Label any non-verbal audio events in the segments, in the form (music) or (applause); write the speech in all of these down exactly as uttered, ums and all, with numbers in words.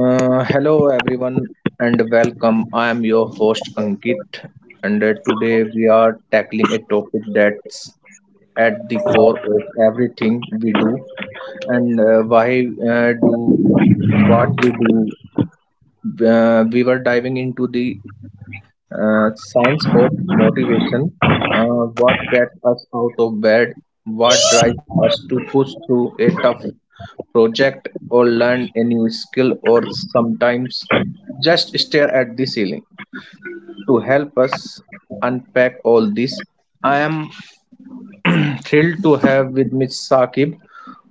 Uh, hello everyone and welcome. I am your host Ankit, and uh, today we are tackling a topic that's at the core of everything we do and uh, why uh, do what we do. Uh, we were diving into the uh, signs of motivation, uh, what gets us out of bed, what drives us to push through a tough project or learn a new skill, or sometimes just stare at the ceiling. To help us unpack all this, I am (clears throat) thrilled to have with Miss Saqib,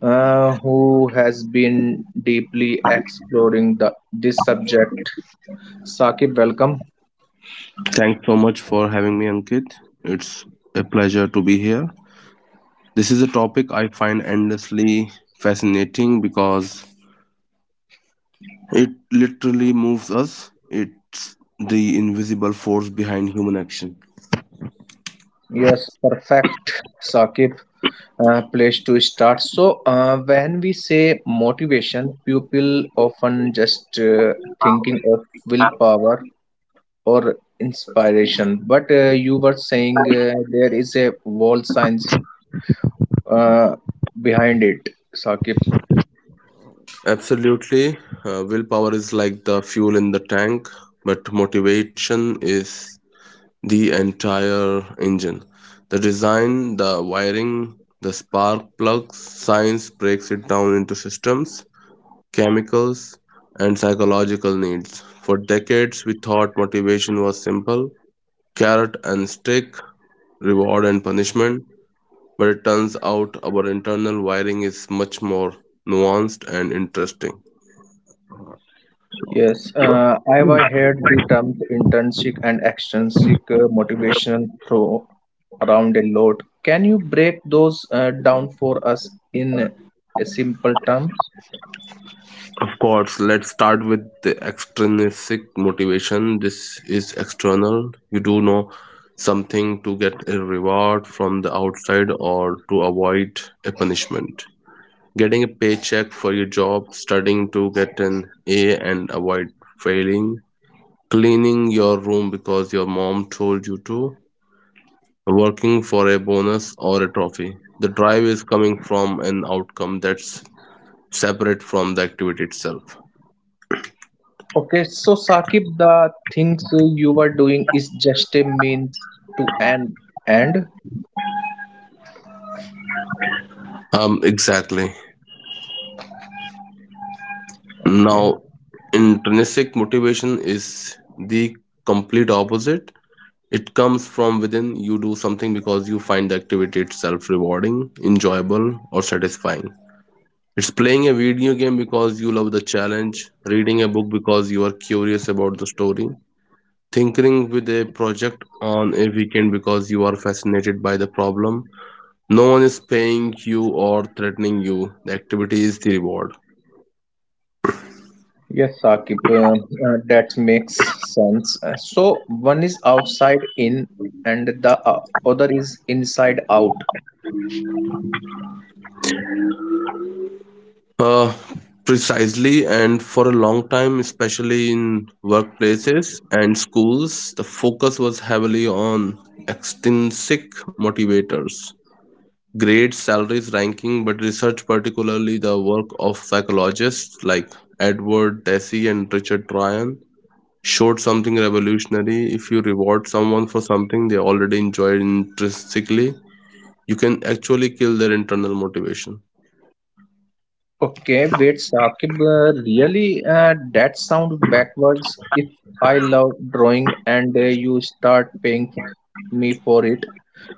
uh, who has been deeply exploring the, this subject. Saqib, welcome. Thanks so much for having me, Ankit. It's a pleasure to be here. This is a topic I find endlessly fascinating because it literally moves us. It's the invisible force behind human action. Yes, perfect, Sakib. Uh, place to start. So, uh, when we say motivation, people often just uh, thinking of willpower or inspiration. But uh, you were saying uh, there is a wall science uh, behind it, Sakib. Absolutely. Uh, willpower is like the fuel in the tank, but motivation is the entire engine. The design, the wiring, the spark plugs, science breaks it down into systems chemicals, and psychological needs. For decades, we thought motivation was simple carrot and stick, reward and punishment, but it turns out our internal wiring is much more nuanced and interesting. Yes, uh, I have heard the terms intrinsic and extrinsic uh, motivational throw around a lot. Can you break those uh, down for us in a simple terms? Of course, let's start with the extrinsic motivation. This is external. You do know something to get a reward from the outside or to avoid a punishment. Getting a paycheck for your job, studying to get an A and avoid failing, cleaning your room because your mom told you to, working for a bonus or a trophy. The drive is coming from an outcome that's separate from the activity itself. Okay, so Sakib, the things you are doing is just a means to an end. Um, exactly. Okay. Now, intrinsic motivation is the complete opposite. It comes from within. You do something because you find the activity itself rewarding, enjoyable, or satisfying. It's playing a video game because you love the challenge, reading a book because you are curious about the story, tinkering with a project on a weekend because you are fascinated by the problem. No one is paying you or threatening you. The activity is the reward. Yes, Sakib, uh, uh, that makes sense. Uh, So one is outside in, and the uh, other is inside out. Uh, Precisely, and for a long time, especially in workplaces and schools, the focus was heavily on extrinsic motivators grades, salaries, ranking, but research, particularly the work of psychologists like Edward Deci and Richard Ryan, showed something revolutionary. If you reward someone for something they already enjoy intrinsically, you can actually kill their internal motivation. Okay, wait, Saqib, uh, really, uh, that sound backwards. If I love drawing and uh, you start paying me for it,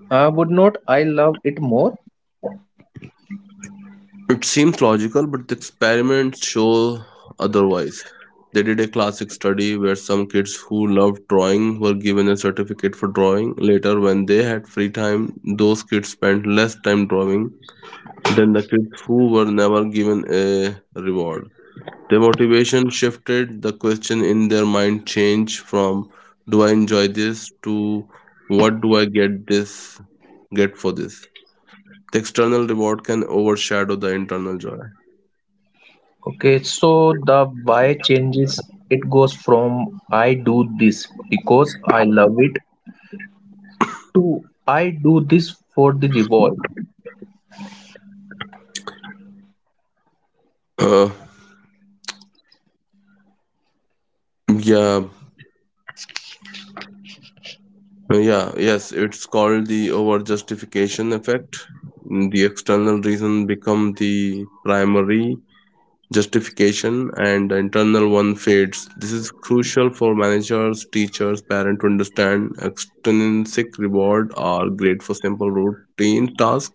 uh, would not I love it more? It seems logical, but the experiments show otherwise. They did a classic study where some kids who loved drawing were given a certificate for drawing. Later, when they had free time, those kids spent less time drawing then the kids who were never given a reward. Their motivation shifted, the question in their mind changed from do I enjoy this to what do I get this get for this? The external reward can overshadow the internal joy. Okay, so the why changes. It goes from I do this because I love it to I do this for the reward. Uh, yeah, yeah, yes, it's called the overjustification effect. The external reason become the primary justification and the internal one fades. This is crucial for managers, teachers, parents to understand extrinsic reward are great for simple routine tasks.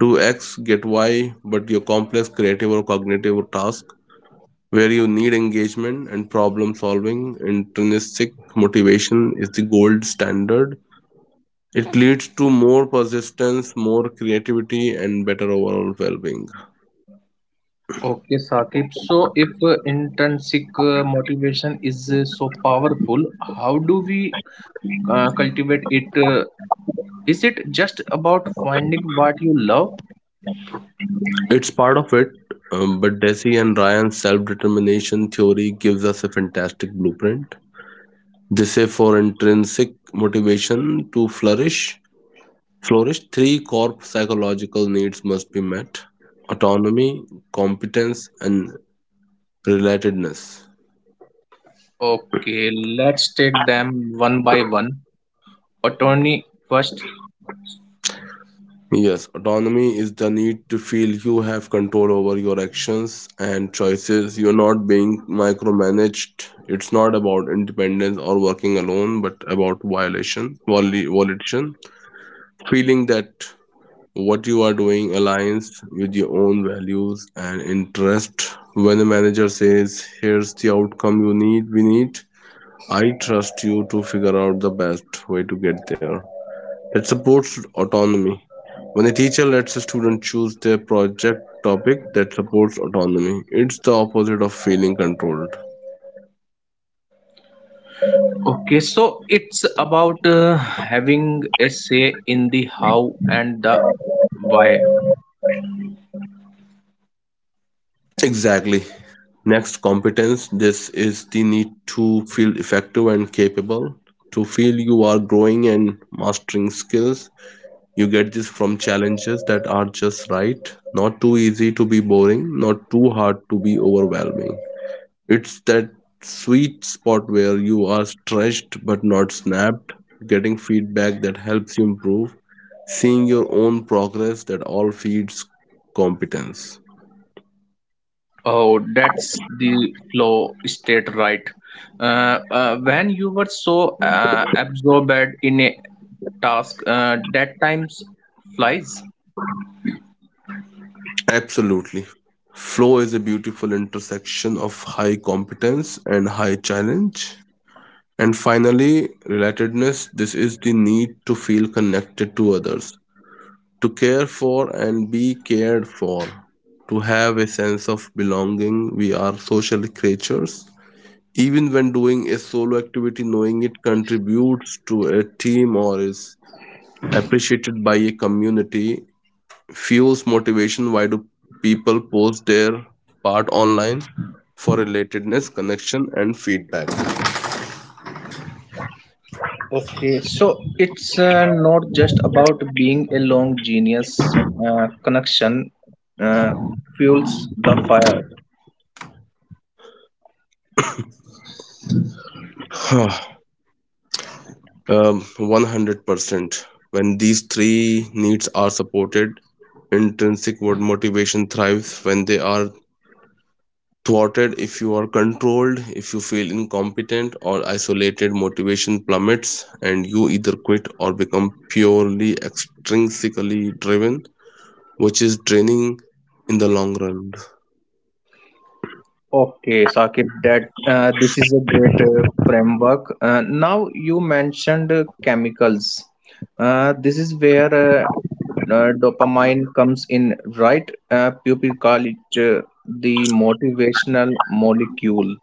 Do X, get Y, but your complex creative or cognitive task where you need engagement and problem solving, intrinsic motivation is the gold standard. It leads to more persistence, more creativity, and better overall well being. Okay, Saqib. So, if uh, intrinsic uh, motivation is uh, so powerful, how do we uh, cultivate it? Uh, Is it just about finding what you love? It's part of it, um, but Desi and Ryan's self determination theory gives us a fantastic blueprint. They say for intrinsic motivation to flourish, flourish three core psychological needs must be met autonomy, competence, and relatedness. Okay, let's take them one by one. Attorney first. Yes, autonomy is the need to feel you have control over your actions and choices. You're not being micromanaged. It's not about independence or working alone, but about violation, voli- volition. Feeling that what you are doing aligns with your own values and interest. When the manager says, "Here's the outcome you need," we need. I trust you to figure out the best way to get there. It supports autonomy. When a teacher lets a student choose their project topic, that supports autonomy. It's the opposite of feeling controlled. Okay, so it's about uh, having a say in the how and the why. Exactly. Next competence. This is the need to feel effective and capable, to feel you are growing and mastering skills. You get this from challenges that are just right, not too easy to be boring, not too hard to be overwhelming. It's that sweet spot where you are stretched but not snapped, getting feedback that helps you improve, seeing your own progress that all feeds competence. Oh, that's the flow state, right? Uh, uh, when you were so uh, absorbed in a task, uh, that times flies. Absolutely. Flow is a beautiful intersection of high competence and high challenge. And finally, relatedness this is the need to feel connected to others, to care for and be cared for, to have a sense of belonging. We are social creatures. Even when doing a solo activity, knowing it contributes to a team or is appreciated by a community fuels motivation. Why do people post their part online? For relatedness, connection, and feedback. Okay, so it's uh, not just about being a long genius. Uh, connection uh, fuels the fire. Um, one hundred percent. When these three needs are supported, intrinsic work motivation thrives. When they are thwarted, if you are controlled, if you feel incompetent or isolated, motivation plummets and you either quit or become purely extrinsically driven, which is draining in the long run. Okay, Sakib, that uh, this is a great uh, framework. Uh, now you mentioned uh, chemicals. Uh, this is where uh, uh, dopamine comes in, right? Uh, people call it uh, the motivational molecule.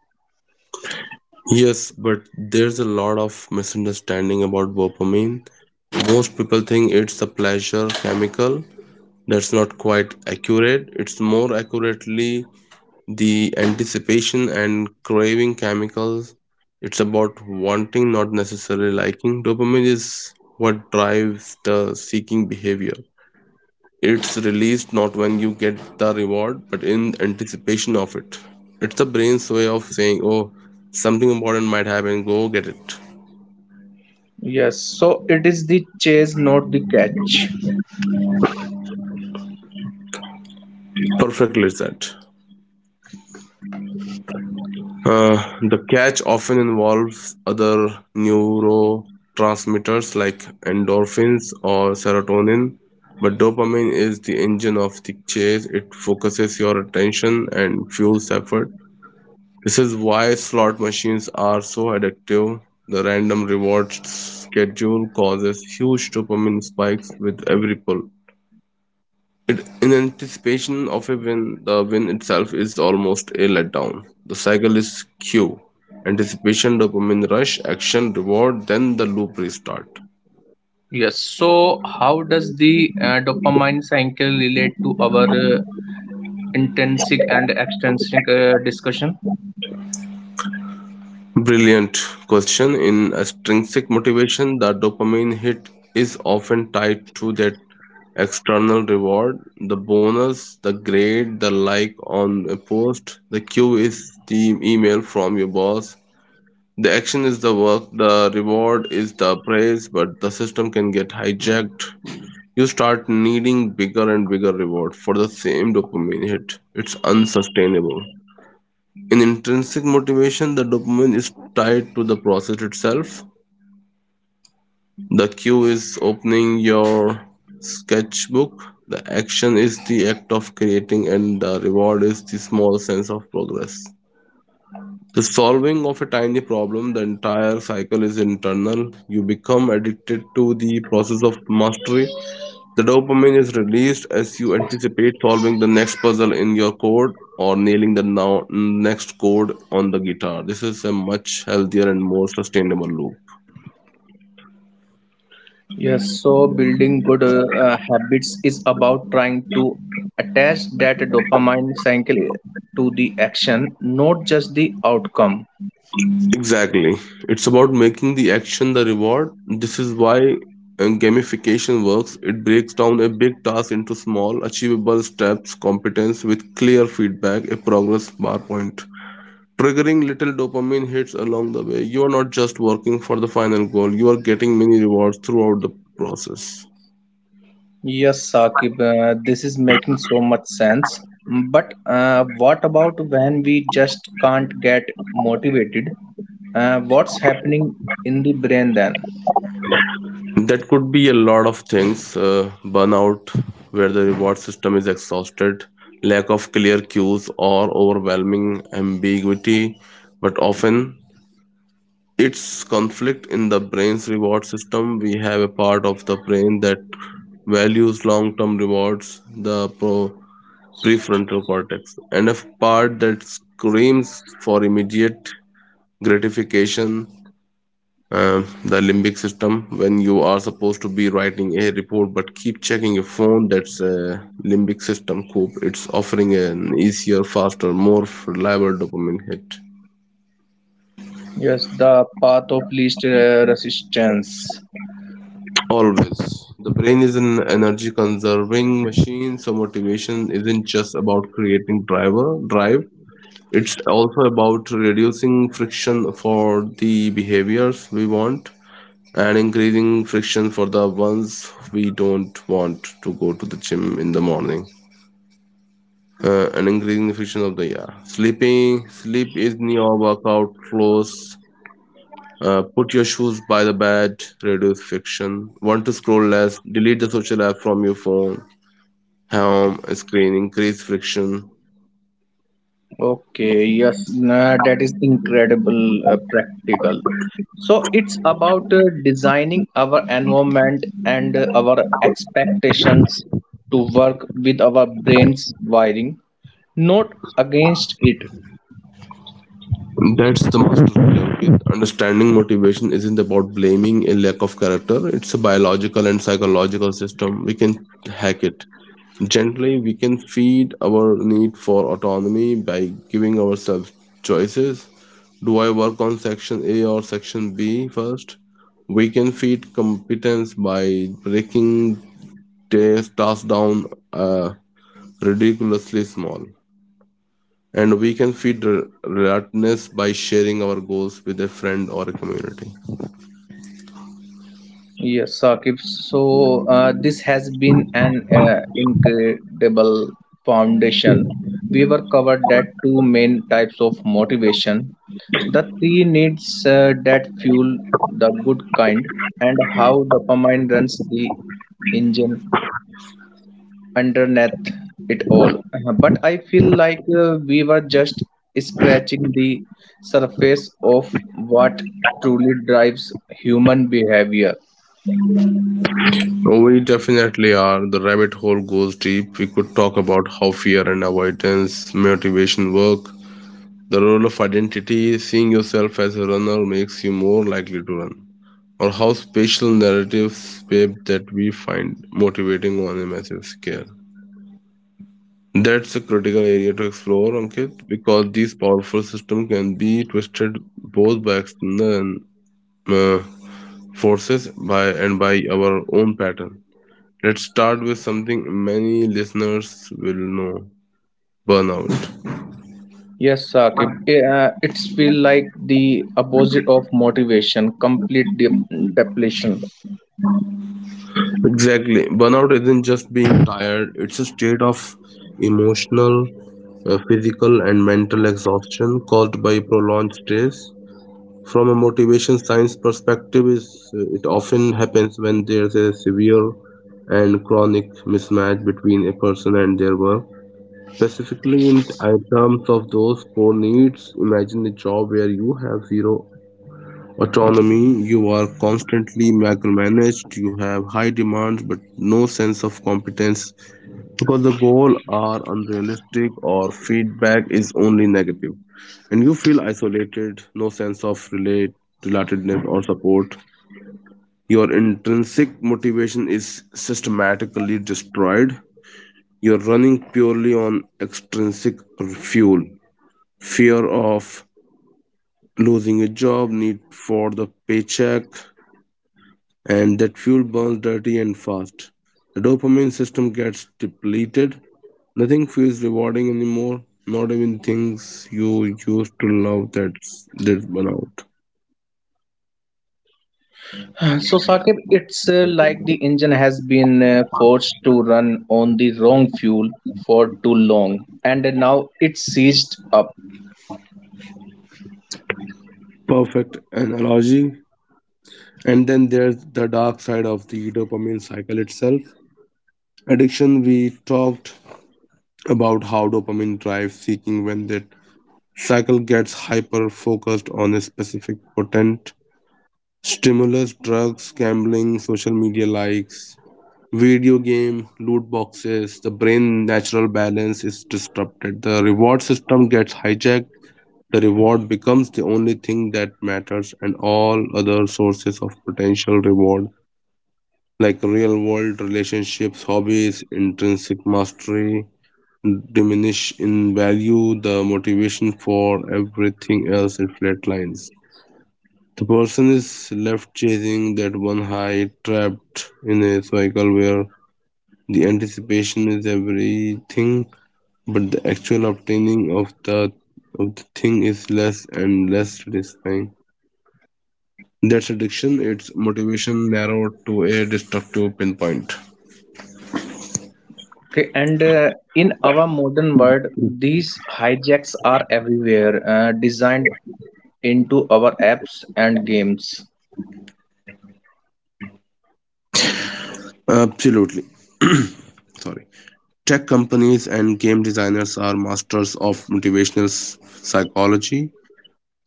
Yes, but there's a lot of misunderstanding about dopamine. Most people think it's a pleasure chemical, that's not quite accurate. It's more accurately the anticipation and craving chemicals. It's about wanting, not necessarily liking. Dopamine is what drives the seeking behavior. It's released not when you get the reward, but in anticipation of it. It's the brain's way of saying, oh, something important might happen, go get it. Yes, so it is the chase, not the catch. Perfectly said. Uh, the catch often involves other neurotransmitters like endorphins or serotonin, but dopamine is the engine of the chase. It focuses your attention and fuels effort. This is why slot machines are so addictive. The random reward schedule causes huge dopamine spikes with every pull. It, in anticipation of a win, the win itself is almost a letdown. The cycle is cue, anticipation, dopamine rush, action, reward, then the loop restart. Yes. So, how does the uh, dopamine cycle relate to our uh, intrinsic and extrinsic uh, discussion? Brilliant question. In extrinsic motivation, the dopamine hit is often tied to that external reward, the bonus, the grade, the like on a post. The cue is the email from your boss. The action is the work, the reward is the praise, but the system can get hijacked. You start needing bigger and bigger reward for the same dopamine hit. It's unsustainable. In intrinsic motivation, the dopamine is tied to the process itself. The cue is opening your sketchbook. The action is the act of creating, and the reward is the small sense of progress. The solving of a tiny problem, the entire cycle is internal. You become addicted to the process of mastery. The dopamine is released as you anticipate solving the next puzzle in your code or nailing the now next chord on the guitar. This is a much healthier and more sustainable loop. Yes, so building good uh, uh, habits is about trying to attach that dopamine cycle to the action, not just the outcome. Exactly. It's about making the action the reward. This is why uh, gamification works. It breaks down a big task into small, achievable steps, competence with clear feedback, a progress bar point. Triggering little dopamine hits along the way. You are not just working for the final goal, you are getting many rewards throughout the process. Yes, Sakib, uh, this is making so much sense. But uh, what about when we just can't get motivated? Uh, what's happening in the brain then? That could be a lot of things uh, burnout, where the reward system is exhausted, lack of clear cues, or overwhelming ambiguity. But often, it's conflict in the brain's reward system. We have a part of the brain that values long term rewards, the pro- prefrontal cortex, and a part that screams for immediate gratification uh, the limbic system. When you are supposed to be writing a report but keep checking your phone, that's a limbic system cope. It's offering an easier, faster, more reliable dopamine hit. Yes, the path of least uh, resistance. Always, the brain is an energy conserving machine, so motivation isn't just about creating driver drive, it's also about reducing friction for the behaviors we want and increasing friction for the ones we don't. Want to go to the gym in the morning? Uh, and increasing the friction of the, yeah, sleeping. Sleep is your workout close. Uh, put your shoes by the bed, reduce friction. Want to scroll less? Delete the social app from your phone home screen, increase friction. Okay, yes, nah, that is incredible uh, practical. So it's about uh, designing our environment and uh, our expectations to work with our brain's wiring, not against it. That's the master plan with understanding motivation isn't about blaming a lack of character. It's a biological and psychological system. We can hack it. Gently, we can feed our need for autonomy by giving ourselves choices. Do I work on section A or section B first? We can feed competence by breaking tas- tasks down uh, ridiculously small. And we can feed re- relatedness by sharing our goals with a friend or a community. Yes, Saqib. So uh, this has been an uh, incredible foundation. We were covered that two main types of motivation, the three needs uh, that fuel the good kind, and how dopamine runs the engine underneath it all. Uh, But I feel like uh, we were just scratching the surface of what truly drives human behavior. Oh, we definitely are. The rabbit hole goes deep. We could talk about how fear and avoidance, motivation work, the role of identity, seeing yourself as a runner makes you more likely to run. Or how spatial narratives shape that we find motivating on a massive scale. That's a critical area to explore, Ankit, because these powerful systems can be twisted both by external and, uh, forces by and by our own pattern. Let's start with something many listeners will know burnout. Yes, Saqib. Uh, it's feel like the opposite of motivation, complete dep depletion. Exactly. Burnout isn't just being tired, it's a state of emotional, uh, physical, and mental exhaustion caused by prolonged stress. From a motivation science perspective, is uh, it often happens when there's a severe and chronic mismatch between a person and their work. Specifically, in t- uh, terms of those core needs, imagine a job where you have zero autonomy. You are constantly micromanaged. You have high demands but no sense of competence because the goals are unrealistic or feedback is only negative, and you feel isolated, no sense of relate, relatedness or support. Your intrinsic motivation is systematically destroyed. You're running purely on extrinsic fuel. Fear of losing a job, need for the paycheck, and that fuel burns dirty and fast. The dopamine system gets depleted. Nothing feels rewarding anymore, not even things you used to love. That's that's burn out. (sighs) So, Saqib, it's uh, like the engine has been uh, forced to run on the wrong fuel for too long, and now it's seized up. Perfect analogy. And then there's the dark side of the dopamine cycle itself. Addiction. We talked about how dopamine drives seeking. When that cycle gets hyper focused on a specific potent stimulus, drugs, gambling, social media likes, video game loot boxes, the brain natural balance is disrupted, the reward system gets hijacked, the reward becomes the only thing that matters, and all other sources of potential reward like real world relationships, hobbies, intrinsic mastery diminish in value. The motivation for everything else, it flatlines. The person is left chasing that one high, trapped in a cycle where the anticipation is everything, but the actual obtaining of the of the thing is less and less satisfying. That's addiction. It's motivation narrowed to a destructive pinpoint. Okay, and uh, in our modern world, these hijacks are everywhere, uh, designed into our apps and games. Absolutely. (clears throat) Sorry. Tech companies and game designers are masters of motivational s- psychology.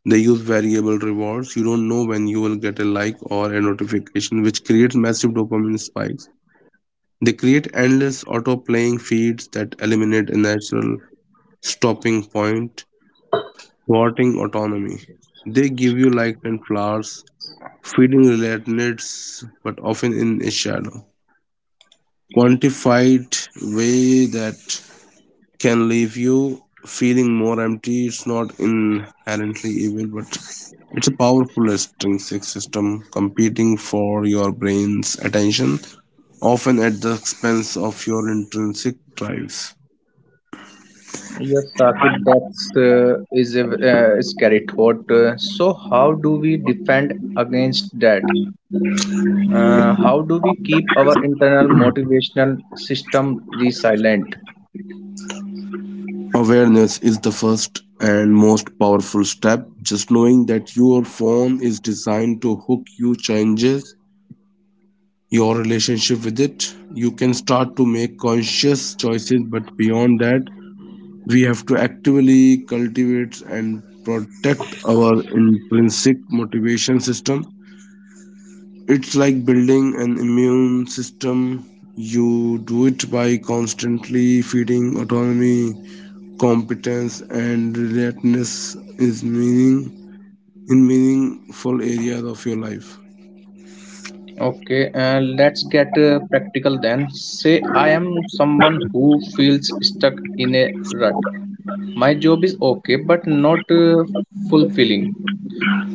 They use variable rewards. You don't know when you will get a like or a notification, which creates massive dopamine spikes. They create endless auto-playing feeds that eliminate a natural stopping point, thwarting autonomy. They give you light and flowers, feeding relatives, but often in a shadow, quantified way that can leave you feeling more empty. It's not inherently evil, but it's a powerful extrinsic system competing for your brain's attention, often at the expense of your intrinsic drives. Yes, Saqib, that's uh, is a, uh, is carried thought. Uh, so, how do we defend against that? Uh, how do we keep our internal motivational system resilient? Awareness is the first and most powerful step. Just knowing that your phone is designed to hook you changes your relationship with it. You can start to make conscious choices, but beyond that, we have to actively cultivate and protect our intrinsic motivation system. It's like building an immune system. You do it by constantly feeding autonomy, competence, and readiness is meaning in meaningful areas of your life. Okay, uh, let's get uh, practical then. Say, I am someone who feels stuck in a rut. My job is okay, but not uh, fulfilling.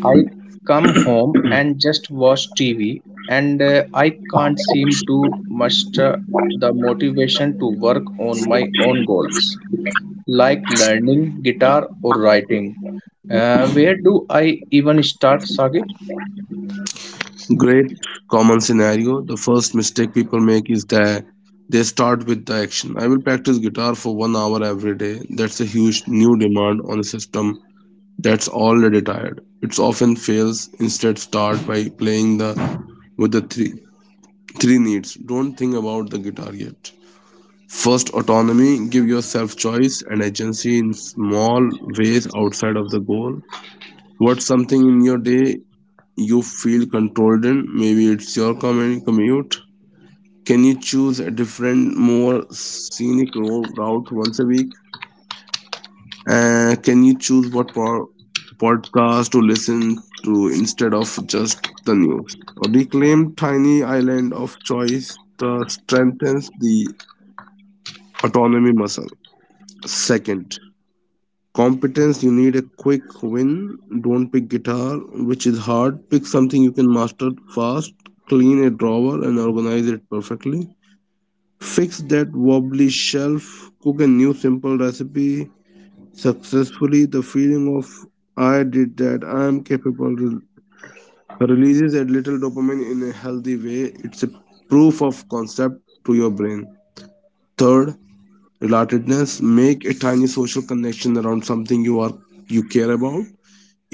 I come home and just watch T V, and uh, I can't seem to muster the motivation to work on my own goals, like learning guitar or writing. Uh, where do I even start, Sagib? Great common scenario. The first mistake people make is that they start with the action. I will practice guitar for one hour every day. That's a huge new demand on a system that's already tired. It often fails. Instead, start by playing the with the three three needs. Don't think about the guitar yet. First, autonomy. Give yourself choice and agency in small ways outside of the goal. What's something in your day you feel controlled in? Maybe it's your commute. Can you choose a different, more scenic route once a week? Uh, can you choose what po- podcast to listen to instead of just the news? Reclaim tiny island of choice that strengthens the autonomy muscle. Second, competence. You need a quick win. Don't pick guitar, which is hard. Pick something you can master fast. Clean a drawer and organize it perfectly. Fix that wobbly shelf. Cook a new simple recipe successfully. The feeling of I did that, I am capable releases a little dopamine in a healthy way. It's a proof of concept to your brain. Third, relatedness. Make a tiny social connection around something you are you care about.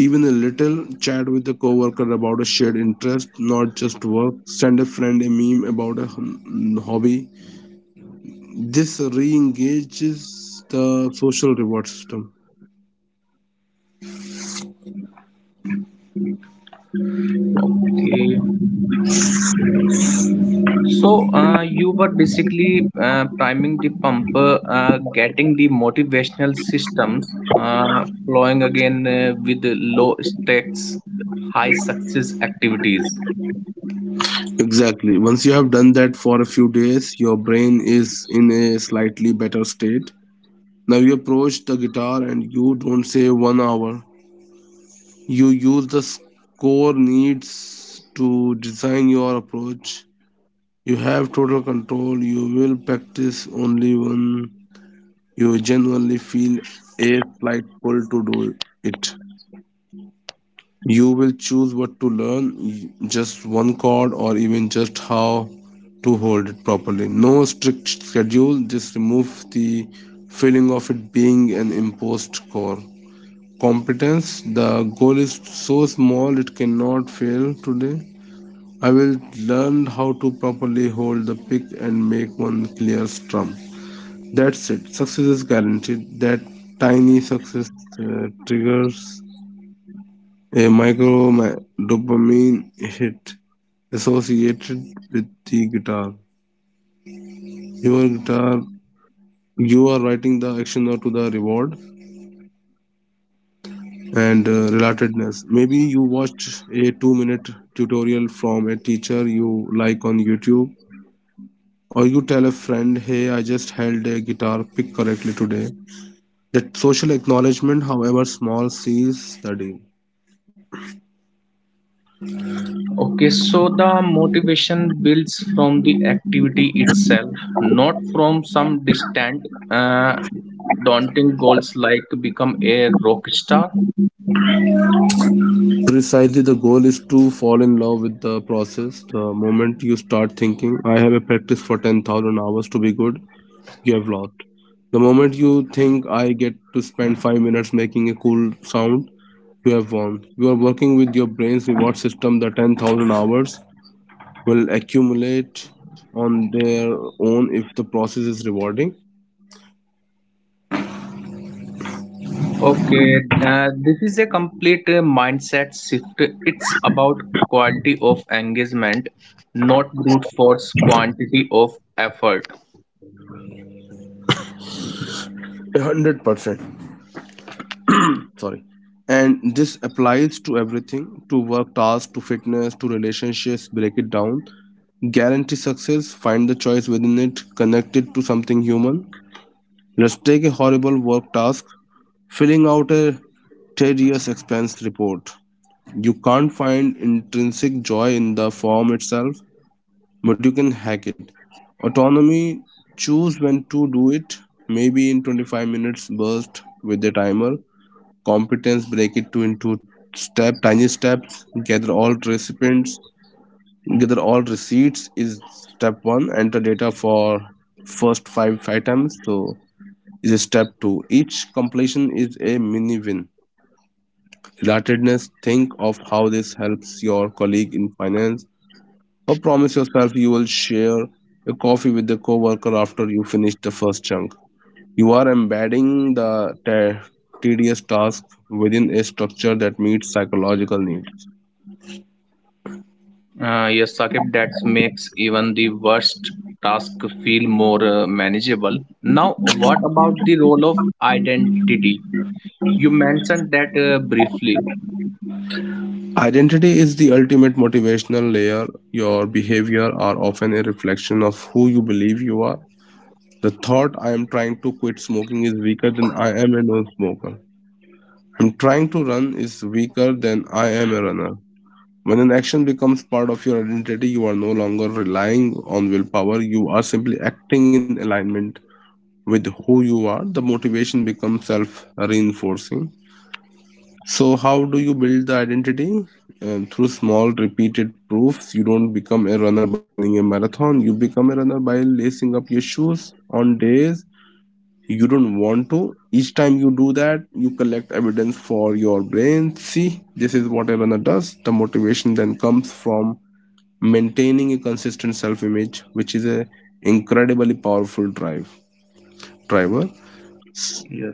Even a little chat with a coworker about a shared interest, not just work. Send a friend a meme about a hum- mm, hobby. This re-engages the social reward system. Okay. So uh, you were basically uh, priming the pumper, uh, getting the motivational systems uh, flowing again uh, with the low stakes, high success activities. Exactly. Once you have done that for a few days, your brain is in a slightly better state. Now you approach the guitar and you don't say one hour. You use the score needs to design your approach. You have total control. You will practice only one. You genuinely feel a slight pull to do it. You will choose what to learn, just one chord, or even just how to hold it properly. No strict schedule, just remove the feeling of it being an imposed core. Competence, the goal is so small it cannot fail today. I will learn how to properly hold the pick and make one clear strum. That's it. Success is guaranteed. That tiny success uh, triggers a micro ma- dopamine hit associated with the guitar. Your guitar, you are writing the action note to the reward, and uh, relatedness. Maybe you watched a two minute tutorial from a teacher you like on YouTube, or you tell a friend, "Hey, I just held a guitar pick correctly today." That social acknowledgement, however small, seals the deal. Okay, so the motivation builds from the activity itself, not from some distant, uh, daunting goals like to become a rock star. Precisely, the goal is to fall in love with the process. The moment you start thinking, I have a practice for ten thousand hours to be good, you have lost. The moment you think, I get to spend five minutes making a cool sound, you have won. You are working with your brain's reward system. The ten thousand hours will accumulate on their own if the process is rewarding. Okay, uh, this is a complete uh, mindset shift. It's about quality of engagement, not brute force quantity of effort. one hundred percent. Sorry. And this applies to everything, to work tasks, to fitness, to relationships. Break it down, guarantee success, find the choice within it, connect it to something human. Let's take a horrible work task, filling out a tedious expense report. You can't find intrinsic joy in the form itself, but you can hack it. Autonomy, choose when to do it, maybe in twenty-five minutes burst with a timer. Competence, break it to into step tiny steps. Gather all recipients Gather all receipts is step one. Enter data for first five items so is step two. Each completion is a mini win. Relatedness, think of how this helps your colleague in finance, or promise yourself you will share a coffee with the co-worker after you finish the first chunk. You are embedding the tedious task within a structure that meets psychological needs. Uh, yes, Sakib, that makes even the worst task feel more uh, manageable. Now, what about the role of identity? You mentioned that uh, briefly. Identity is the ultimate motivational layer. Your behavior are often a reflection of who you believe you are. The thought I am trying to quit smoking is weaker than I am a non smoker. I'm trying to run is weaker than I am a runner. When an action becomes part of your identity, you are no longer relying on willpower, you are simply acting in alignment with who you are. The motivation becomes self reinforcing. So, how do you build the identity? Um, through small repeated proofs, you don't become a runner by running a marathon. You become a runner by lacing up your shoes on days you don't want to. Each time you do that, you collect evidence for your brain. See, this is what a runner does. The motivation then comes from maintaining a consistent self image, which is a incredibly powerful drive driver. Yeah.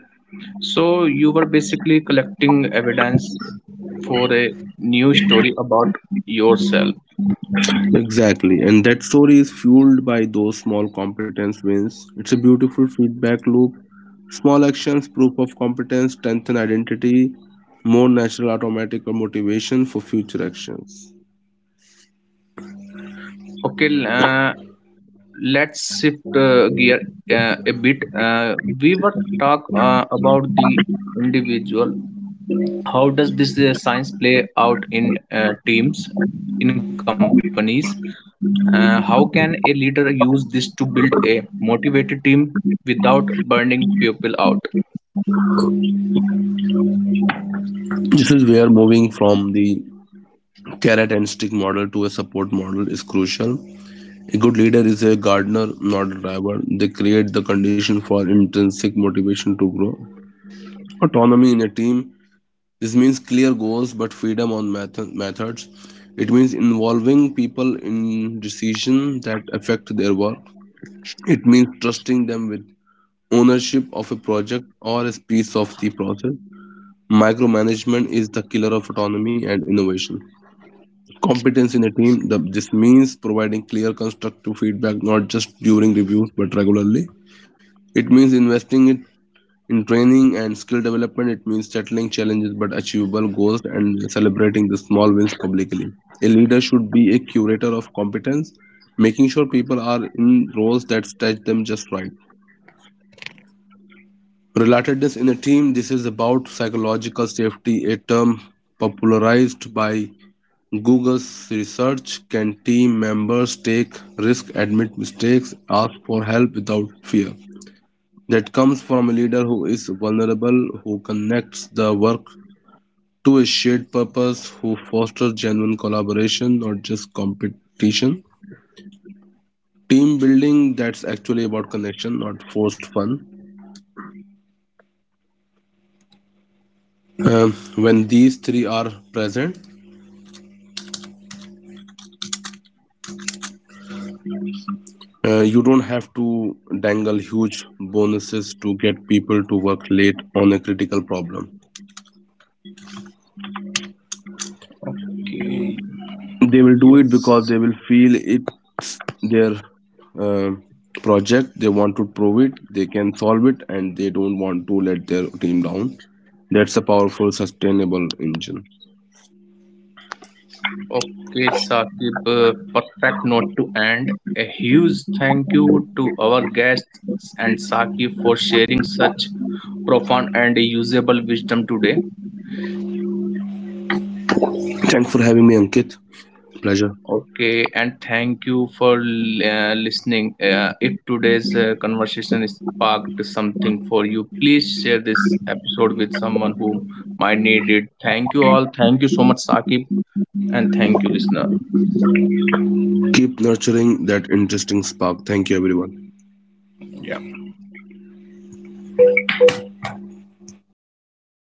So, you were basically collecting evidence for a new story about yourself. Exactly, and that story is fueled by those small competence wins. It's a beautiful feedback loop. Small actions, proof of competence, strengthen identity, more natural automatic or motivation for future actions. Okay, uh, let's shift uh, gear uh, a bit. Uh, we were talk uh, about the individual. How does this uh, science play out in uh, teams, in companies? Uh, how can a leader use this to build a motivated team without burning people out? This is where moving from the carrot and stick model to a support model is crucial. A good leader is a gardener, not a driver. They create the condition for intrinsic motivation to grow. Autonomy in a team, this means clear goals but freedom on metho- methods. It means involving people in decisions that affect their work. It means trusting them with ownership of a project or a piece of the process. Micromanagement is the killer of autonomy and innovation. Competence in a team. The, this means providing clear constructive feedback not just during reviews but regularly. It means investing in In training and skill development. It means tackling challenges but achievable goals and celebrating the small wins publicly. A leader should be a curator of competence, making sure people are in roles that stretch them just right. Relatedness in a team, this is about psychological safety, a term popularized by Google's research. Can team members take risk, admit mistakes, ask for help without fear? That comes from a leader who is vulnerable, who connects the work to a shared purpose, who fosters genuine collaboration, not just competition. Team building that's actually about connection, not forced fun. Um, when these three are present, uh, you don't have to dangle huge bonuses to get people to work late on a critical problem. Okay, They will do it because yes. they will feel it's their uh, project, they want to prove it they can solve it, and they don't want to let their team down. That's a powerful sustainable engine. Okay, Saqib, uh, perfect note to end. A huge thank you to our guests and Saqib for sharing such profound and usable wisdom today. Thanks for having me, Ankit. Pleasure. Okay, and thank you for uh, listening. Uh, if today's uh, conversation sparked something for you, please share this episode with someone who might need it. Thank you all. Thank you so much, Sakib, and thank you, listener. Keep nurturing that interesting spark. Thank you everyone. Yeah.